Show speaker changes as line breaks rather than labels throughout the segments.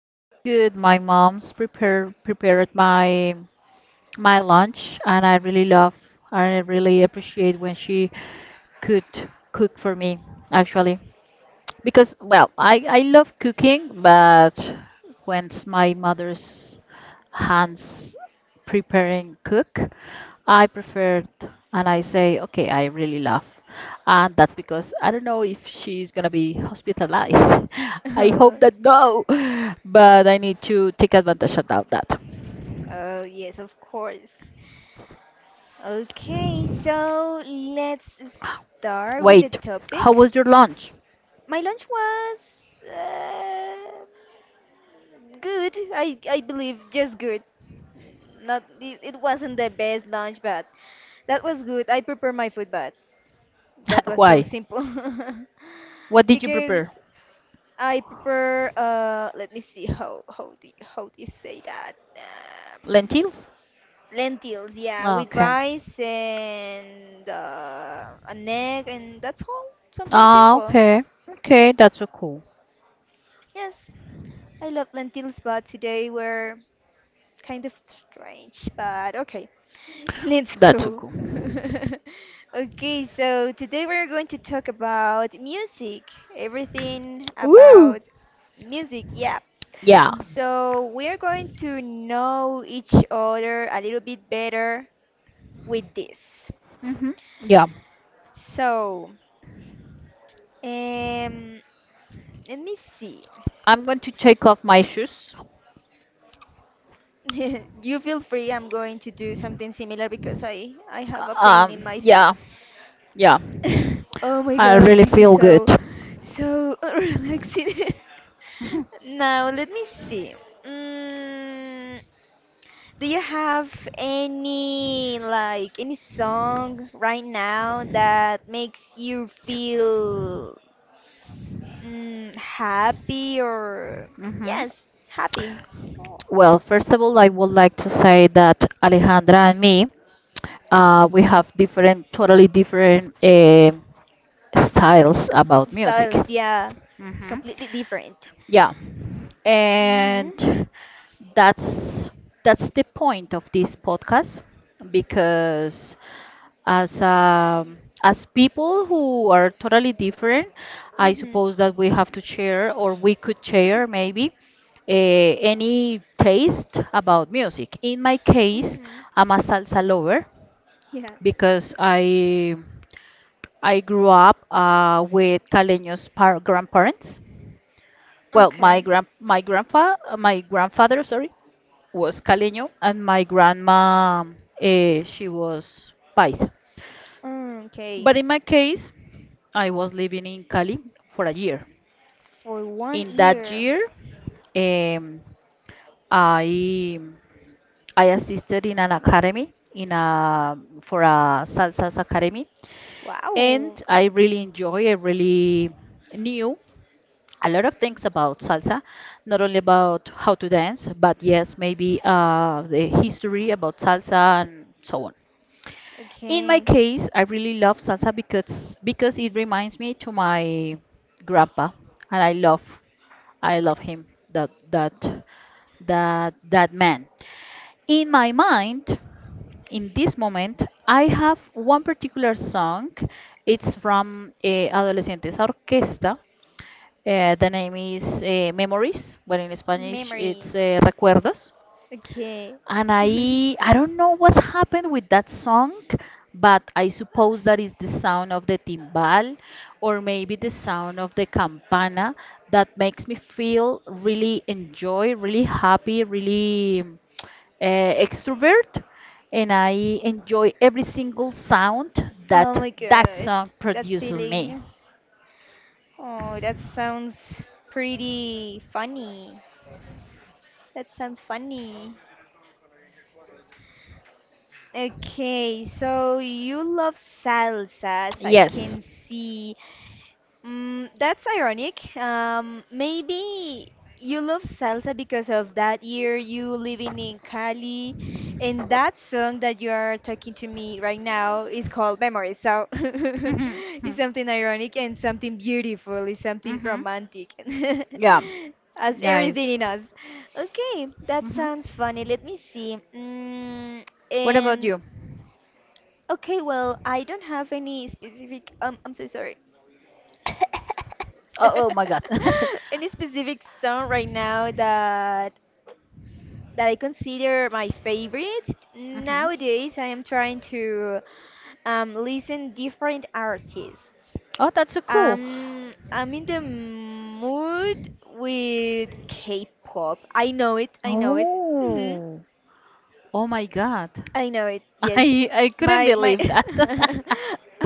It was good. My mom's prepared my lunch and I really appreciate when she could cook for me actually. Because, well, I love cooking, but once my mother's hands preparing cook, I preferred and I say, okay, I really love. And that's because I don't know if she's gonna be hospitalized. I hope that no, but I need to take advantage of that.
Oh yes, of course. Okay, so let's start with the
Wait, how
topic.
was your lunch?
My lunch was uh, good. I believe just good. Not it, it wasn't the best lunch, but that was good. I prepared my food, but that was so
Why?
simple
What did you
because
prepare?
I prepare. Let me see how do you say that?
Lentils?
Lentils, yeah, with
Okay.
rice and an egg, and that's all. Something
Ah,
simple.
okay. Okay, that's so cool.
Yes, I love lentils, but today were kind of strange, but okay. Let's
That's so
go.
cool.
Okay, so today we're going to talk about music, everything
Woo!
about music, yeah.
Yeah.
So we're going to know each other a little bit better with this.
Mm-hmm. Yeah.
So, Um, let me see.
I'm going to take off my shoes.
You feel free. I'm going to do something similar because I have a pain in my feet.
Yeah. Yeah.
Oh my
I
god,
really
this is
feel good.
so relaxing. Now let me see. Mm, do you have any like any song right now that makes you feel happy or
Mm-hmm.
yes, happy?
Well, first of all, I would like to say that Alejandra and me, we have different, totally different styles about music.
Styles, yeah,
Mm-hmm.
completely different.
Yeah.
Mhm.
And that's that's the point of this podcast because as um, as people who are totally different, I
Mhm.
suppose that we have to share or we could share maybe any taste about music. In my case,
Mhm.
I'm a salsa lover
Yeah.
because I grew up with Caleño's par grandparents. Well,
Okay.
my grandpa, my grandfather, sorry, was Caleño, and my grandma, she was Paisa.
Mm, okay.
But in my case, I was living in Cali for a year.
For one
In that
year.
year, um, I I assisted in an academy, in a for a salsa academy, and
Wow.
I really enjoy. I really knew a lot of things about salsa, not only about how to dance, but yes, maybe the history about salsa and so on. In my
Okay.
case, I really love salsa because it reminds me to my grandpa, and I love him that that that man. In my mind, in this moment, I have one particular song. It's from Adolescentes Orquesta, the name is Memories, but in Spanish
Memories.
it's Recuerdos.
Okay.
And I don't know what happened with that song, but I suppose that is the sound of the timbal or maybe the sound of the campana that makes me feel really enjoy, really happy, really extrovert. And I enjoy every single sound
Oh
that
my
that
god.
song
That
produces me.
feeling. Oh, that sounds pretty funny. That sounds funny. Okay, so you love salsa, as I
Yes.
can see. That's ironic. Maybe you love salsa because of that year you living in Cali, and that song that you are talking to me right now is called Memories. So it's something ironic and something beautiful. It's something
hmm.
romantic,
Yeah.
as everything
Yes.
in us. Okay, that
Hmm.
sounds funny. Let me see.
What about
And
you?
okay, well, I don't have any specific. I'm so sorry.
Oh, oh my God.
Any specific song right now that I consider my favorite?
hmm.
Nowadays, I am trying to listen different artists.
Oh, that's so cool.
I'm in the mood with K-pop. I know it. I know it. Mm-hmm.
Oh, oh my God.
I know it. Yes,
I couldn't
my
believe that.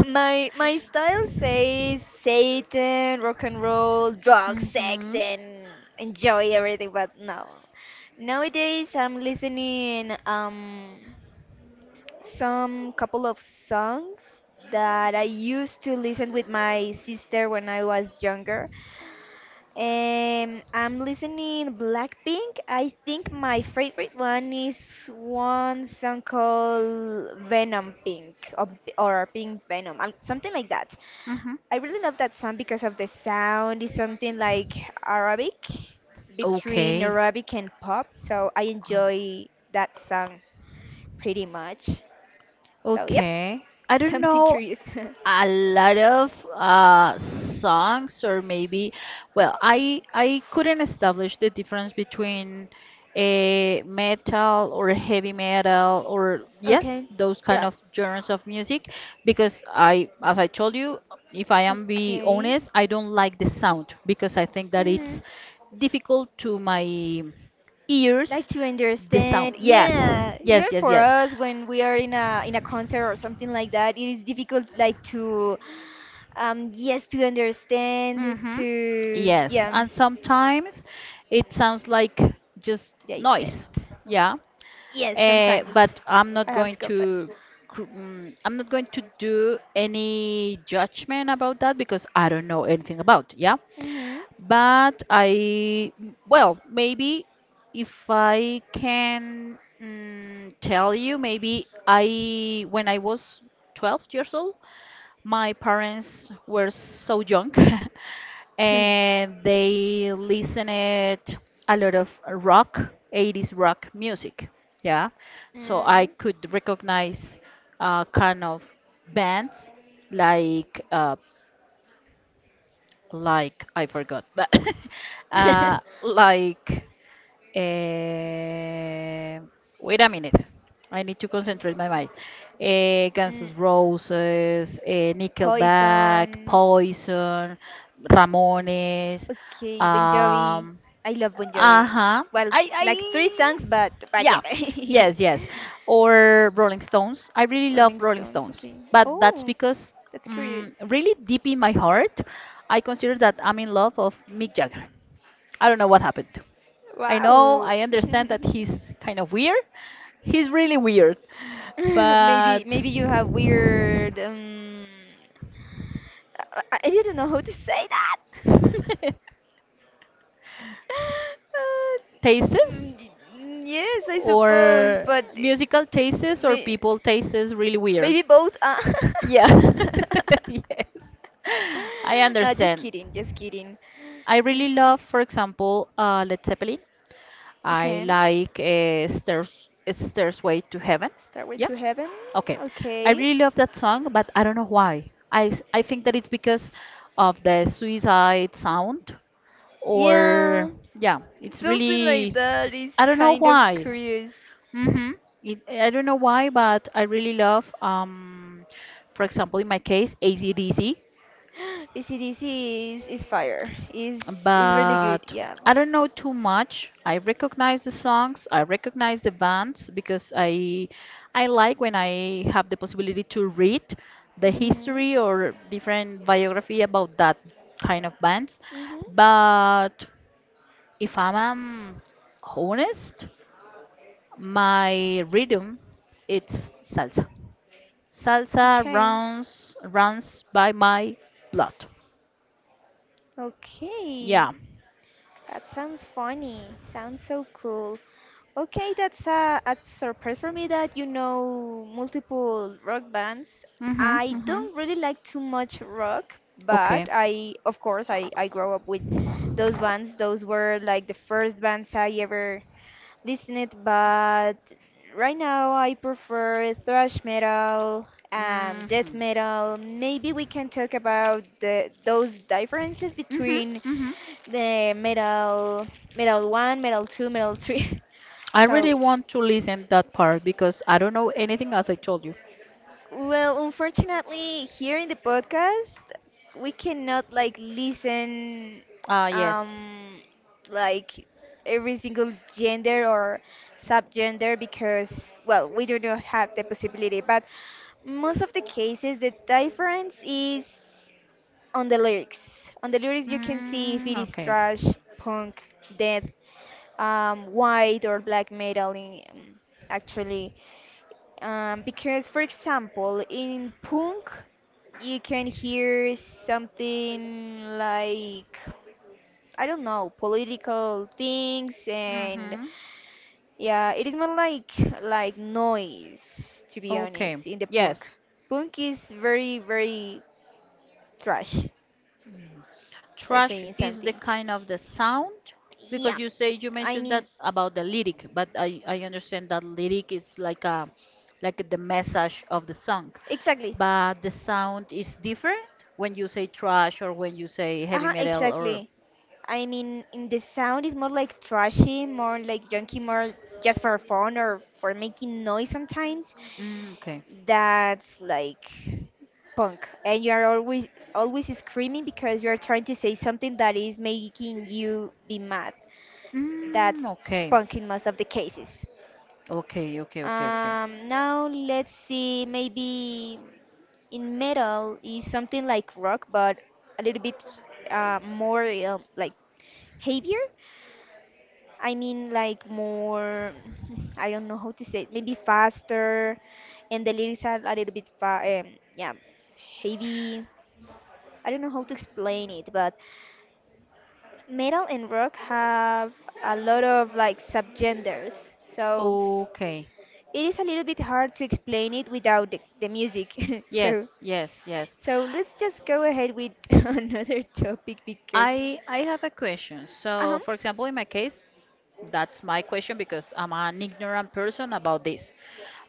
my style says Satan, rock and roll,
hmm.
drugs, sex,
Hmm.
and enjoy everything. But no, nowadays I'm listening some couple of songs that I used to listen with my sister when I was younger. I'm listening Blackpink. I think my favorite one is one song called Venom Pink, or Pink Venom, something like that. I really love that song because of the sound. It's something like Arabic, between
Okay.
Arabic and pop, so I enjoy that song pretty much. So, yep,
Okay. I don't
something
know
curious.
a lot of songs, or maybe, well, I couldn't establish the difference between a metal or heavy metal, or yes,
Okay.
those kind
Yeah.
of genres of music, because I, as I told you, if I am be
Okay.
honest, I don't like the sound because I think that
Hmm.
it's difficult to my
Like
ears.
to
The sound,
understand,
yes,
yeah, even
yes, yes,
for
yes.
us when we are in a concert or something like that, it is difficult, like, to yes, to understand,
Mm-hmm.
to,
Yes,
yeah,
and sometimes it sounds like just noise.
digest.
Yeah.
Yes, sometimes
But I'm not
I have
going
to confess.
to do any judgment about that because I don't know anything about, yeah.
Mm-hmm.
But I, well, maybe if I can, tell you, maybe I when I was 12 years old, my parents were so young and they listened a lot of rock, 80s rock music. Yeah. So I
Mm.
could recognize kind of bands like I forgot, but uh, like Eh, wait a minute. I need to concentrate my mind. Guns
Mm.
N' Roses, Nickelback,
Poison.
Poison, Ramones.
Okay, Bon Jovi.
Um,
I love Bon Jovi.
uh-huh.
Well,
I,
like three songs,
I,
but
yeah,
yeah.
yes, yes. Or Rolling Stones. I really love
Rolling
Rolling
Stones,
Stones,
okay.
but that's
Oh,
because,
that's curious.
really deep in my heart, I consider that I'm in love of Mick Jagger. I don't know what happened. I know,
Wow.
I understand that he's kind of weird. He's really weird.
Maybe
But
maybe you have weird I didn't know how to say that. Uh,
tastes,
mm, y- yes, I suppose,
or
but it
musical tastes, or
may,
people tastes really weird.
maybe both.
Yeah. Yes. I
Nah, just
understand.
kidding, just kidding.
I really
Mm,
love, for example, Led Zeppelin. I
okay,
like, Stairs Stairway to Heaven.
start with
Yeah.
To Heaven.
Okay. I
Okay.
really love that song, but I don't know why. I think that it's because of the suicide sound, or
Yeah,
yeah, it's
something like
really.
that is
I don't know
kind of
why.
curious.
Mhm. I don't know why, but I really love, for example in my case, AC/DC.
AC/DC is fire. Is really good,
But
yeah.
I don't know too much. I recognize the songs, I recognize the bands because I like when I have the possibility to read the
Mhm.
history or different biography about that kind of bands.
Mhm.
But if I'm, honest, my rhythm it's salsa. Salsa
Okay.
runs by my blood.
Okay.
Yeah.
That sounds funny. Sounds so cool. Okay, that's a surprise for me that you know multiple rock bands.
Mhm.
I
Mhm.
don't really like too much rock, but
Okay.
I, of course, I grew up with those bands. Those were like the first bands I ever listen it, but right now I prefer thrash metal and death
Mm-hmm.
metal. Maybe we can talk about the those differences
Mm-hmm.
between
Mm-hmm.
the metal metal 1, metal 2, metal 3.
I
So,
really want to listen that part because I don't know anything as I told you.
well, unfortunately, here in the podcast, we cannot like listen
Ah, yes.
um like every single gender or subgender because, well, we do not have the possibility, but most of the cases the difference is on the lyrics. On the lyrics you can see if
Mm,
it is
okay.
trash, punk, death, white or black metal, actually, because, for example, in punk, you can hear something like, I don't know, political things, and
Mm-hmm.
yeah, it is more like noise, to be
Okay.
honest, in the punk.
Yes.
Punk is very, very trash, for
Trash
saying
is the
something.
kind of the sound because
Yeah,
you
I
mentioned that
mean,
about the lyric, but I understand that lyric is like a like the message of the song,
exactly.
but the sound is different when you say trash or when you say heavy
Uh-huh,
metal or
exactly. I mean, in the sound is more like trashy, more like junky, more just for fun or for making noise sometimes.
mm, okay.
That's like punk, and you are always always screaming because you are trying to say something that is making you be mad.
Mm,
That's
okay.
punk in most of the cases.
Okay, okay, okay, okay.
Now let's see, maybe in metal is something like rock, but a little bit more like heavier. I mean, like more, I don't know how to say it, maybe faster, and the lyrics are a little bit, yeah, heavy. I don't know how to explain it, but metal and rock have a lot of like subgenders, so
Okay.
it is a little bit hard to explain it without the music. So,
Yes, yes, yes.
let's just go ahead with another topic, because,
I have a question. So,
um,
for example, in my case, that's my question because I'm an ignorant person about this.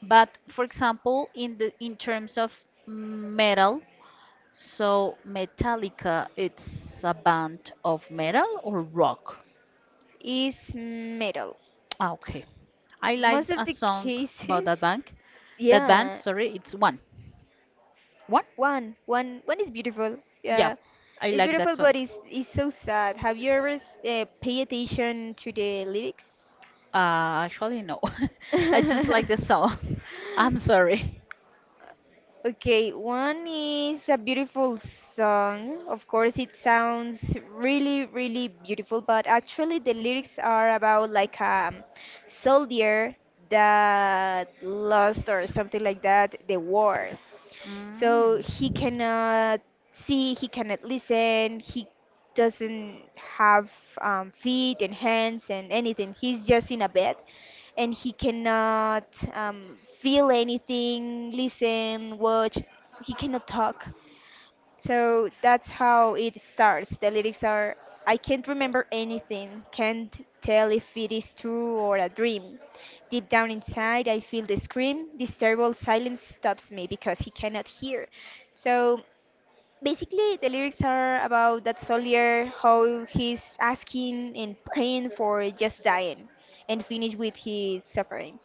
But for example, in terms of metal, so Metallica, it's a band of metal or rock?
is metal.
Ah, okay. I
Most
liked
of
a
the
song about
cases,
that band. That band,
yeah,
sorry, it's one. One?
one, one, one is beautiful.
Yeah,
Yeah,
I
it's
like
beautiful,
that
but
song.
it's so sad. Have you ever pay attention to the lyrics?
Actually, no. I just like the song. I'm sorry.
Okay, one is a beautiful song. Of course, it sounds really, really beautiful, but actually, the lyrics are about like a soldier that lost or something like that, the war. So he
Mm.
cannot see, he cannot listen, he doesn't have feet and hands and anything. He's just in a bed and he cannot feel anything, listen, watch. He cannot talk. So that's how it starts. The lyrics are: I can't remember anything, can't tell if it is true or a dream. Deep down inside, I feel the scream. This terrible silence stops me, because he cannot hear. So basically, the lyrics are about that soldier, how he's asking and praying for just dying and finish with his suffering.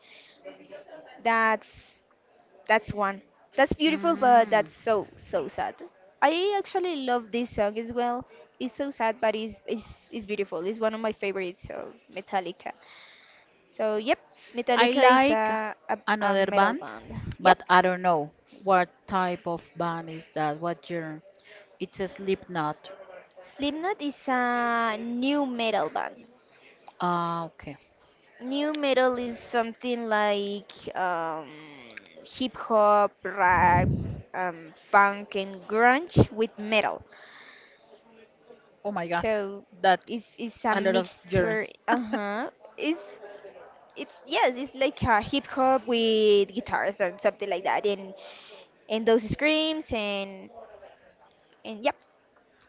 That's one. That's beautiful, but
Mm.
that's so sad. I actually love this song as well. It's so sad, but it's beautiful. It's one of my favorites of Metallica. So yep,
I
Metallica is
like
a
another
metal
band,
band. Yep,
but I don't know what type of band is that, what genre. It's a Slipknot.
Slipknot is a new metal band.
Ah, okay.
New metal is something like hip hop, rap, funk, and grunge with metal.
Oh my God,
So it's
that's
it's a
a lot of
mixture.
genres.
Uh-huh. It's it's, yes, it's like a hip hop with guitars and something like that, and those screams, and yep,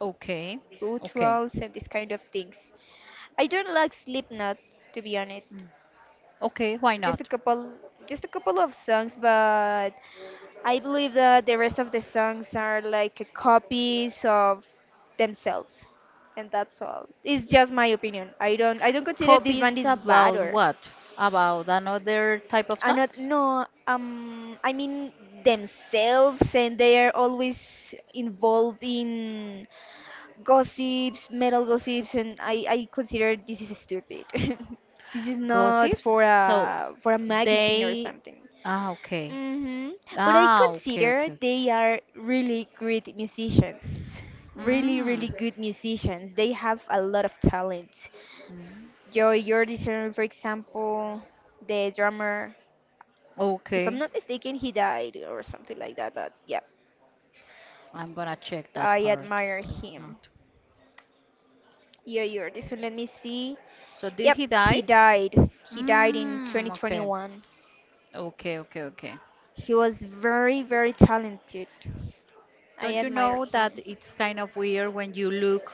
Okay,
boot
okay,
rolls and these kind of things. I don't like Slipknot, to be honest.
okay, why
just
not?
a couple just a couple of songs, but I believe that the rest of the songs are like copies of themselves, and that's all. It's just my opinion. I don't consider this band
Copies
is bad
about
or
what? About another type of
I not
songs?
no, I mean themselves, and they are always involved in gossips, metal gossips, and I consider this is stupid. This is not
Gossips?
for
So
a magazine or
they.
something.
Ah, okay.
Hmm. But I
Ah, okay,
consider
okay, okay.
they are really great musicians. Really,
Mm,
really good musicians. They have a lot of talent. Joy Jordison, for example, the drummer, if I'm
okay.
not mistaken, he died or something like that. But yeah,
I'm gonna check that
I
part.
admire
So
him.
not.
Joy Jordison, let me see.
So did
Yep,
he
he
die?
died. He died in
Mm, okay.
2021.
Okay, okay, okay.
He was very, very talented. I
Don't you
admired
know that
him.
it's kind of weird when you look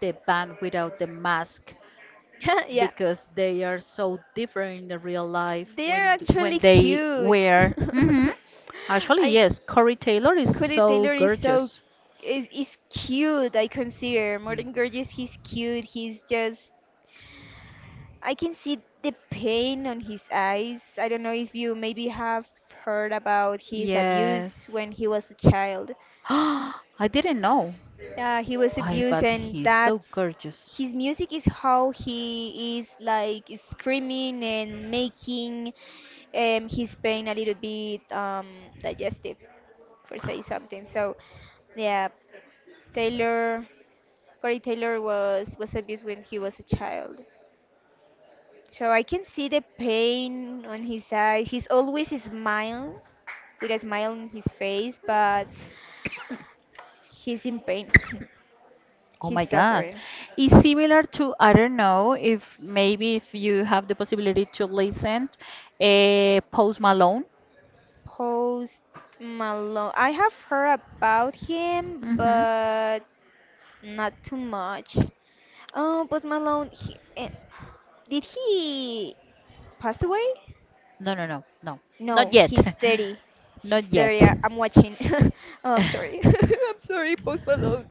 the band without the mask,
Yeah.
because they are so different in the real life
They're
when
actually
they
cute.
wear. Hmm. Actually,
I
yes, Corey Taylor is
Cooley
so
Taylor is so
gorgeous.
is is cute. I consider more than gorgeous. He's cute. He's just, I can see the pain on his eyes. I don't know if you maybe have heard about his
Yes.
abuse when he was a child.
I didn't know.
Yeah, he was
I
abused,
But
and
he's so
that's
gorgeous.
his music is how he is like screaming and making his pain a little bit digestive, for say something. So, yeah, Taylor, Corey Taylor was abused when he was a child. So I can see the pain on his eyes. He's always smile with a smile on his face, but he's in pain.
Oh my
He's
God.
suffering.
It's similar to, I don't know, if maybe if you have the possibility to listen, Post Malone.
Post Malone. I have heard about him,
Mm-hmm.
but not too much. Oh, Post Malone. He, did he pass away?
No, no, no, no. Not
No,
yet.
he's 30. He's
Not yet.
30. I'm watching. Oh, I'm sorry. I'm sorry, Post Malone.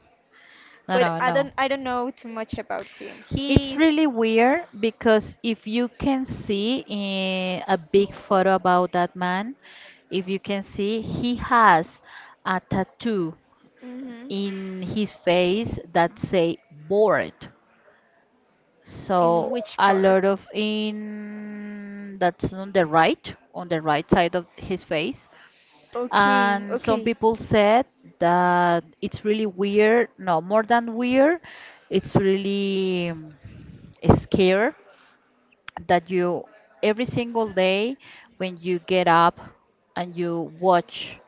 No,
But
no,
I don't
no.
I don't know too much about him.
It's
He's
really weird because if you can see in a big
hip hop.
photo about that man, if you can see, he has a tattoo
Mhm.
in his face that say bored.
In
So
which
a
part?
lot of in that's on the right side of his face.
Okay,
And some
okay.
people said that it's really weird, no, more than weird, it's really, scare, that you every single day when you get up and you watch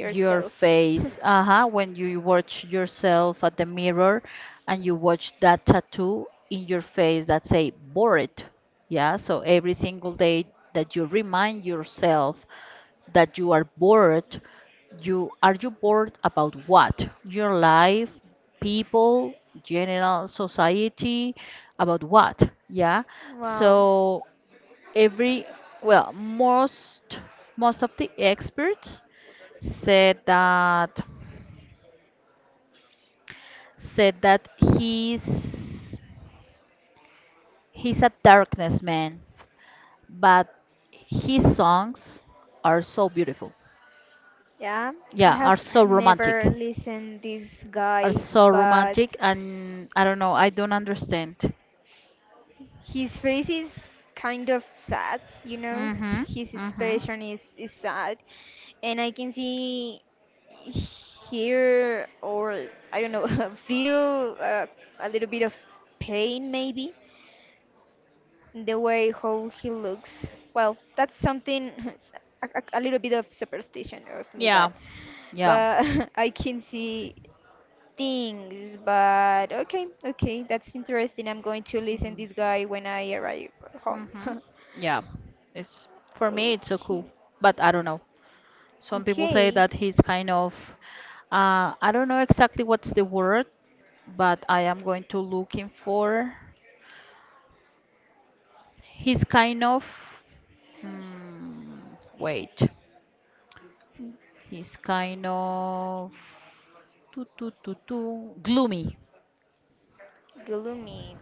your face, uh-huh, when you watch yourself at the mirror and you watch that tattoo in your face that say bored, yeah, so every single day that you remind yourself that you are bored, you bored about what, your life, people, general society, about what, yeah.
Wow.
So every, well, most of the experts said that said that he's a darkness man, but his songs are so beautiful,
Yeah, I
yeah,
have never listened this
are
guy,
so
but
romantic, and I don't know, I don't understand.
his face is kind of sad, you know?
Mhm.
His
Mhm.
expression is sad. And I can see, hear, or I don't know, feel a little bit of pain maybe in the way how he looks. Well, that's something, a little bit of superstition of me,
Yeah. Yeah.
but I can see things, but okay, that's interesting. I'm going to listen this guy when I arrive home.
Mhm. Yeah. It's, for me it's so cool,
Okay,
but I don't know. Some people say
okay,
that he's kind of, I don't know exactly what's the word, but I am going to looking for. He's kind of, mm, wait, he's kind of too, too, too, too, gloomy.
Gloomy,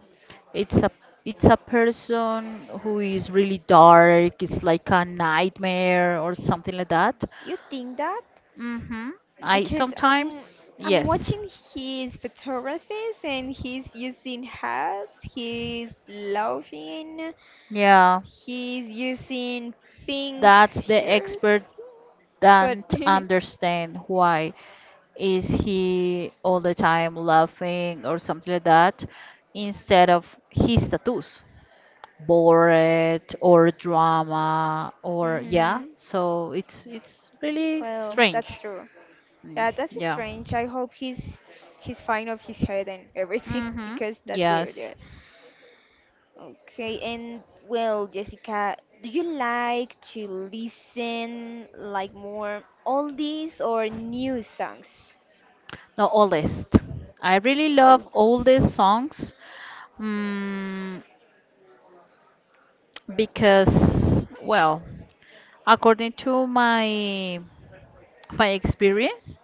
It's a it's a person who is really dark. It's like a nightmare or something like that.
you think that?
Mm-hmm. I
Because I'm
sometimes
I'm
yes.
watching his photographies and he's using hats, he's laughing,
Yeah.
he's using pink
That's the expert
shirts, but
don't understand why is he all the time laughing or something like that instead of his status bored or drama or yeah,
hmm
so it's really
well,
strange.
that's true.
Mm,
Yeah, that's
yeah.
strange. I hope he's fine of his head and everything
Mm-hmm.
because that's weird.
Yes.
Yeah. Okay, and well, Jessica, do you like to listen like more oldies or new songs?
the oldest I really love
Oldies.
oldest songs, mm, because well, according to my experience,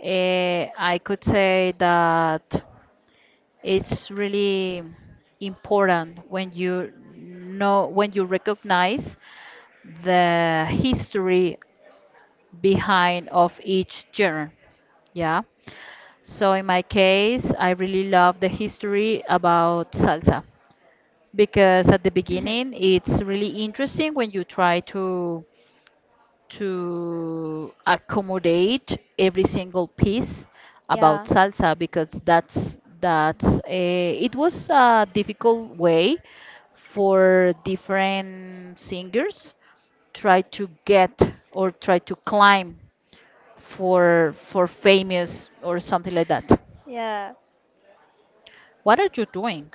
I could say that it's really important when you know when you recognize the history behind of each genre. Yeah. So in my case, I really love the history about salsa because at the beginning it's really interesting when you try to accommodate every single piece about
Yeah,
salsa because that's a, it was a difficult way for different singers try to get or try to climb for famous or something like that.
yeah.
What are you doing?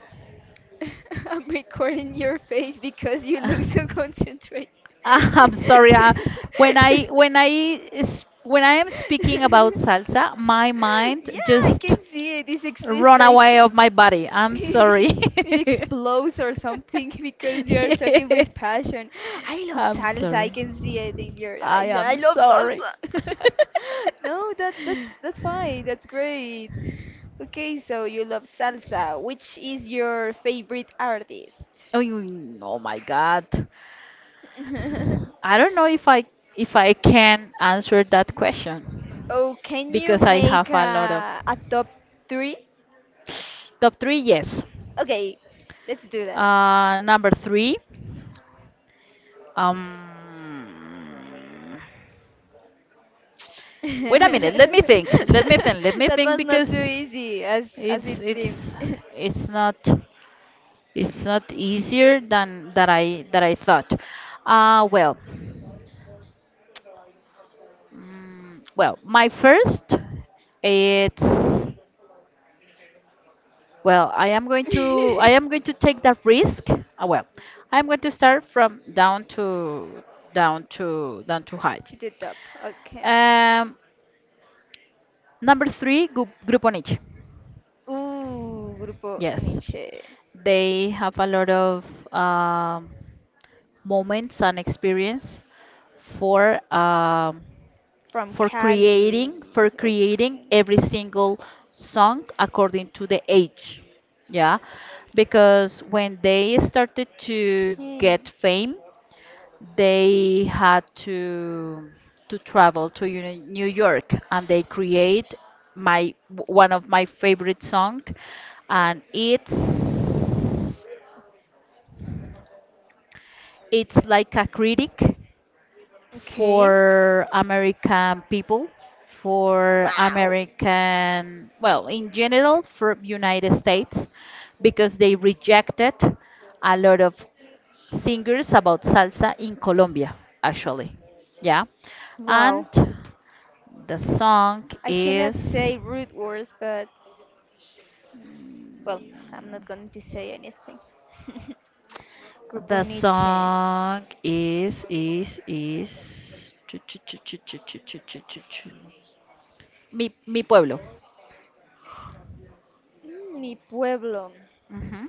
I'm recording your face because you look so concentrated.
I'm sorry. When I am speaking about salsa, my mind
Yeah, I can
just
see it. It's it's
run
like
away of my body. I'm sorry.
it explodes or something because you are talking with
yes.
passion. I love
I'm
salsa. I
sorry.
can see it in your
I
eyes.
am
I love
sorry.
salsa. No, that's fine. That's great. Okay, so you love salsa. Which is your favorite artist?
oh, oh my God. I don't know if I can answer that question
Oh, can you
because I
make
have a lot of
a top three?
top 3. Yes.
Okay, let's do that.
Number 3. um Wait a minute. Let me think. Let me
That
think. Let me think
one's not too
because
easy as
it's
it
it's
seems.
it's not it's not easier than that I thought. Uh well, my first it's well, I am going to take that risk. I am going to start from down to high.
Cheated up. Okay.
Um, Number three, group on each.
Ooh, Grupo
Yes,
Nietzsche
they have a lot of um moments and experience for um
from
for
Cali.
creating
Okay,
every single song according to the age. Yeah, because when they started to
okay,
get fame, they had to travel to New York, and they create my one of my favorite song, and it's like a critic
okay.
for American people, for
Wow,
American, well, in general, for United States, because they rejected a lot of singers about salsa in Colombia, actually. Yeah. And
wow.
the song
I
is,
cannot say rude words, but well, I'm not going to say anything. Grupo
the
Nietzsche.
song is, chu- chu- chu- chu- chu- chu- chu- chu- chu- chu. Mi, Mi Pueblo.
Mm, Mi pueblo.
Mhm.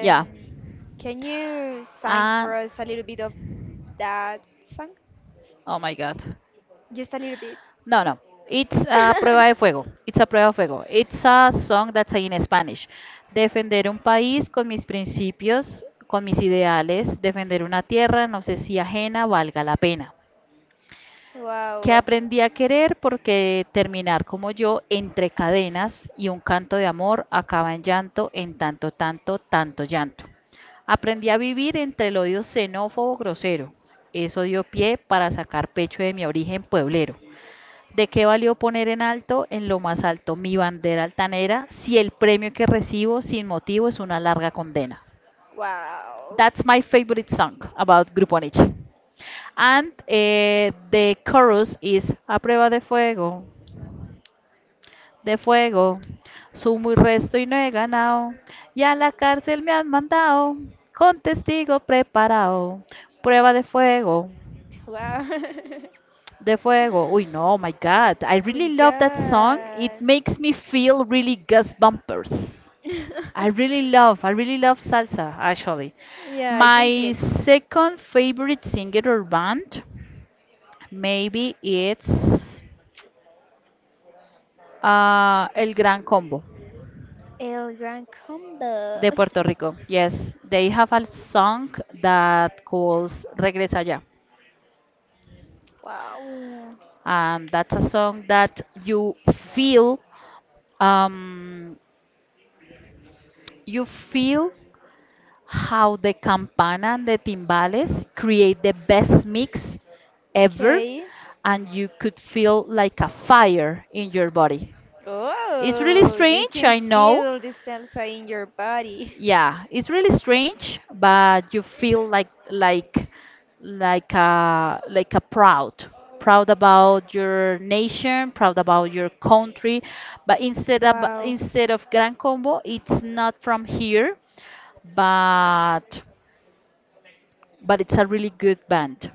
Yeah.
can you sing
And
for us a little bit of that song?
oh my God.
Just a little bit.
No, no. It's a prueba de fuego. It's a prueba de fuego. It's a song that's in Spanish. Defender un país con mis principios, con mis ideales. Defender una tierra, no sé si ajena, valga la pena. Que
Wow.
aprendí a querer porque terminar como yo entre cadenas y un canto de amor acaba en llanto, en tanto, tanto, tanto llanto. Aprendí a vivir entre el odio xenófobo grosero. Eso dio pie para sacar pecho de mi origen pueblero. ¿De qué valió poner en alto, en lo más alto, mi bandera altanera si el premio que recibo sin motivo es una larga condena?
Wow.
That's my favorite song about Grupo Nietzsche. And the chorus is a prueba de fuego, de fuego. Sumo y resto y no he ganado. Y a la cárcel me han mandado con testigo preparado. Prueba de fuego,
Wow. Oh
de fuego. Uy, no, oh my God. I
my
really love that song. It
god.
makes me feel really gust bumpers. I really love salsa, actually.
Yeah, I can see
My
it.
second favorite singer or band, maybe it's El Gran Combo
El Gran Combo.
de Puerto Rico. Yes, they have a song that calls Regresa Ya.
Wow.
That's a song that um, you feel how the campana and the timbales create the best mix ever,
Okay.
and you could feel like a fire in your body. It's really
Oh, you
strange,
can
I know.
feel the salsa in your body.
Yeah, it's really strange, but you feel like like a proud, proud about your nation, proud about your country. But
Wow.
instead of Gran Combo, it's not from here, but it's a really good band.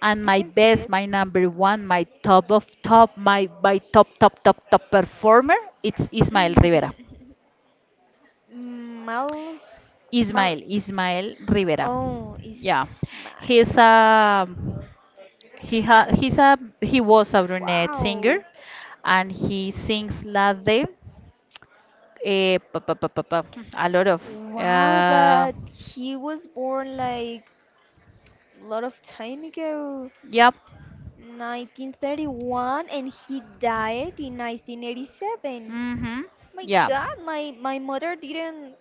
And
I
my
can see
best, my number one, my top of top, my top performer, it's Ismael Rivera.
it. Mm, Miles, Mal.
Ismael Rivera.
Oh, is
Yeah, he's
Miles.
a he was a brunette singer,
Wow,
and he sings Lade, eh, pa, pa, pa, pa, pa, a lot of
wow,
uh,
but he was born like a lot of time ago,
yep,
1931, and he died in 1987.
mhm,
My
yeah.
God, my mother didn't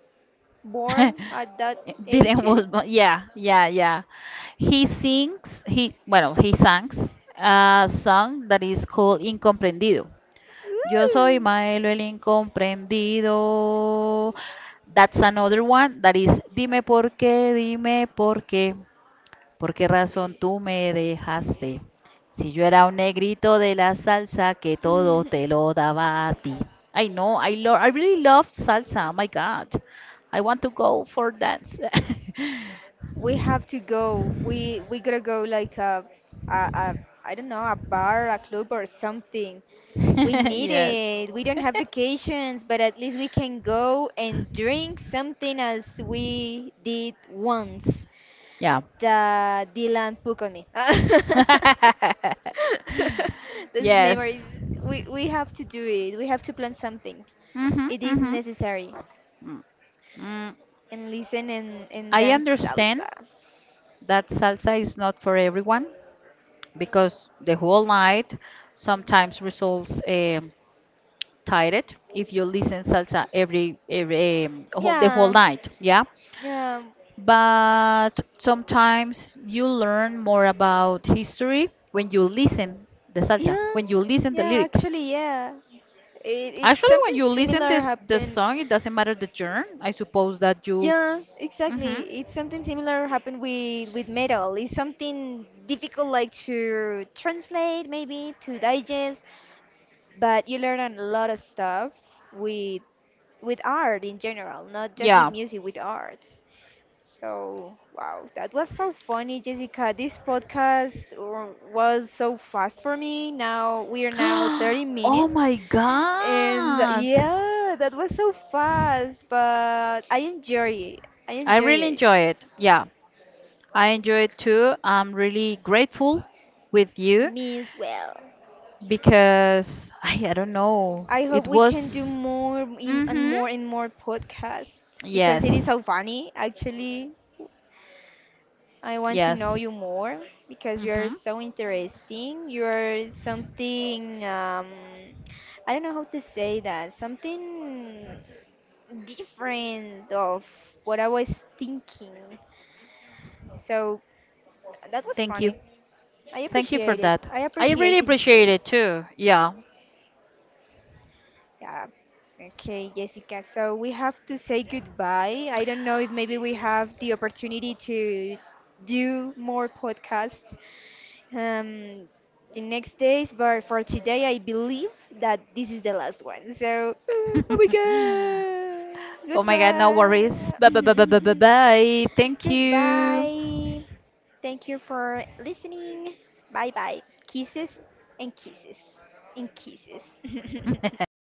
born at that age.
Didn't was born. Yeah, yeah, yeah. He sings. He bueno, he sings a song that is called Incomprendido. Yo soy
Woo.
Maelo el incomprendido. That's another one that is Dime por qué, dime por qué. ¿Por qué razón tú me dejaste? Si yo era un negrito de la salsa que todo te lo daba a ti. I know, I lo I really love salsa. Oh my God. I want to go for dance.
We have to go. We gotta go like a I don't know, a bar, a club or something. We need
Yes.
it. We don't have vacations, but at least we can go and drink something as we did once.
Yeah.
The Dylan Puck on me. Those
Yes.
memories. We have to do it. We have to plan something.
Hmm.
It is necessary.
Mm. mm.
And listen and
I
dance
understand
salsa.
that salsa is not for everyone because the whole night sometimes results tired if you listen salsa every the whole
Yeah.
night, yeah.
Yeah.
But sometimes you learn more about history when you listen the salsa,
Yeah.
when you listen the
Yeah,
lyric.
actually, yeah. It
Actually, when
something
you listen
similar
this the
happened
song, it doesn't matter the genre. I suppose that you,
Yeah,
mm-hmm,
exactly. It's something similar happened with metal. It's something difficult like to translate maybe to digest, but you learn a lot of stuff with with art in general, not just with
yeah.
music, with art. So, wow, that was so funny, Jessica. This podcast was so fast for me. Now we are now 30
Oh
minutes.
my
And
God,
yeah, that was so fast, but I enjoy it. I
I
enjoy
really
it.
enjoy it. Yeah, I enjoy it too. I'm really grateful with you
Me as well.
because I don't know.
I hope
It
we can do
was. Mm-hmm.
and more podcasts because it is
Yes.
so funny, actually. I want to know
Yes.
you more because you're
Mm-hmm.
so interesting. You're something, I don't know how to say that, something different of what I was thinking. So that was
Thank you.
funny. I
Thank you for
appreciate it.
that.
I
I
appreciate
really
this
appreciate it
space.
too. Yeah.
Yeah. Okay, Jessica. So we have to say goodbye. I don't know if maybe we have the opportunity to do more podcasts um, the next days, but for today, I believe that this is the last one. So, oh my god,
Oh my God, no worries. Bye bye bye bye bye bye
goodbye,
bye. Thank you.
goodbye. Thank you for listening. Bye bye. Kisses and kisses and kisses.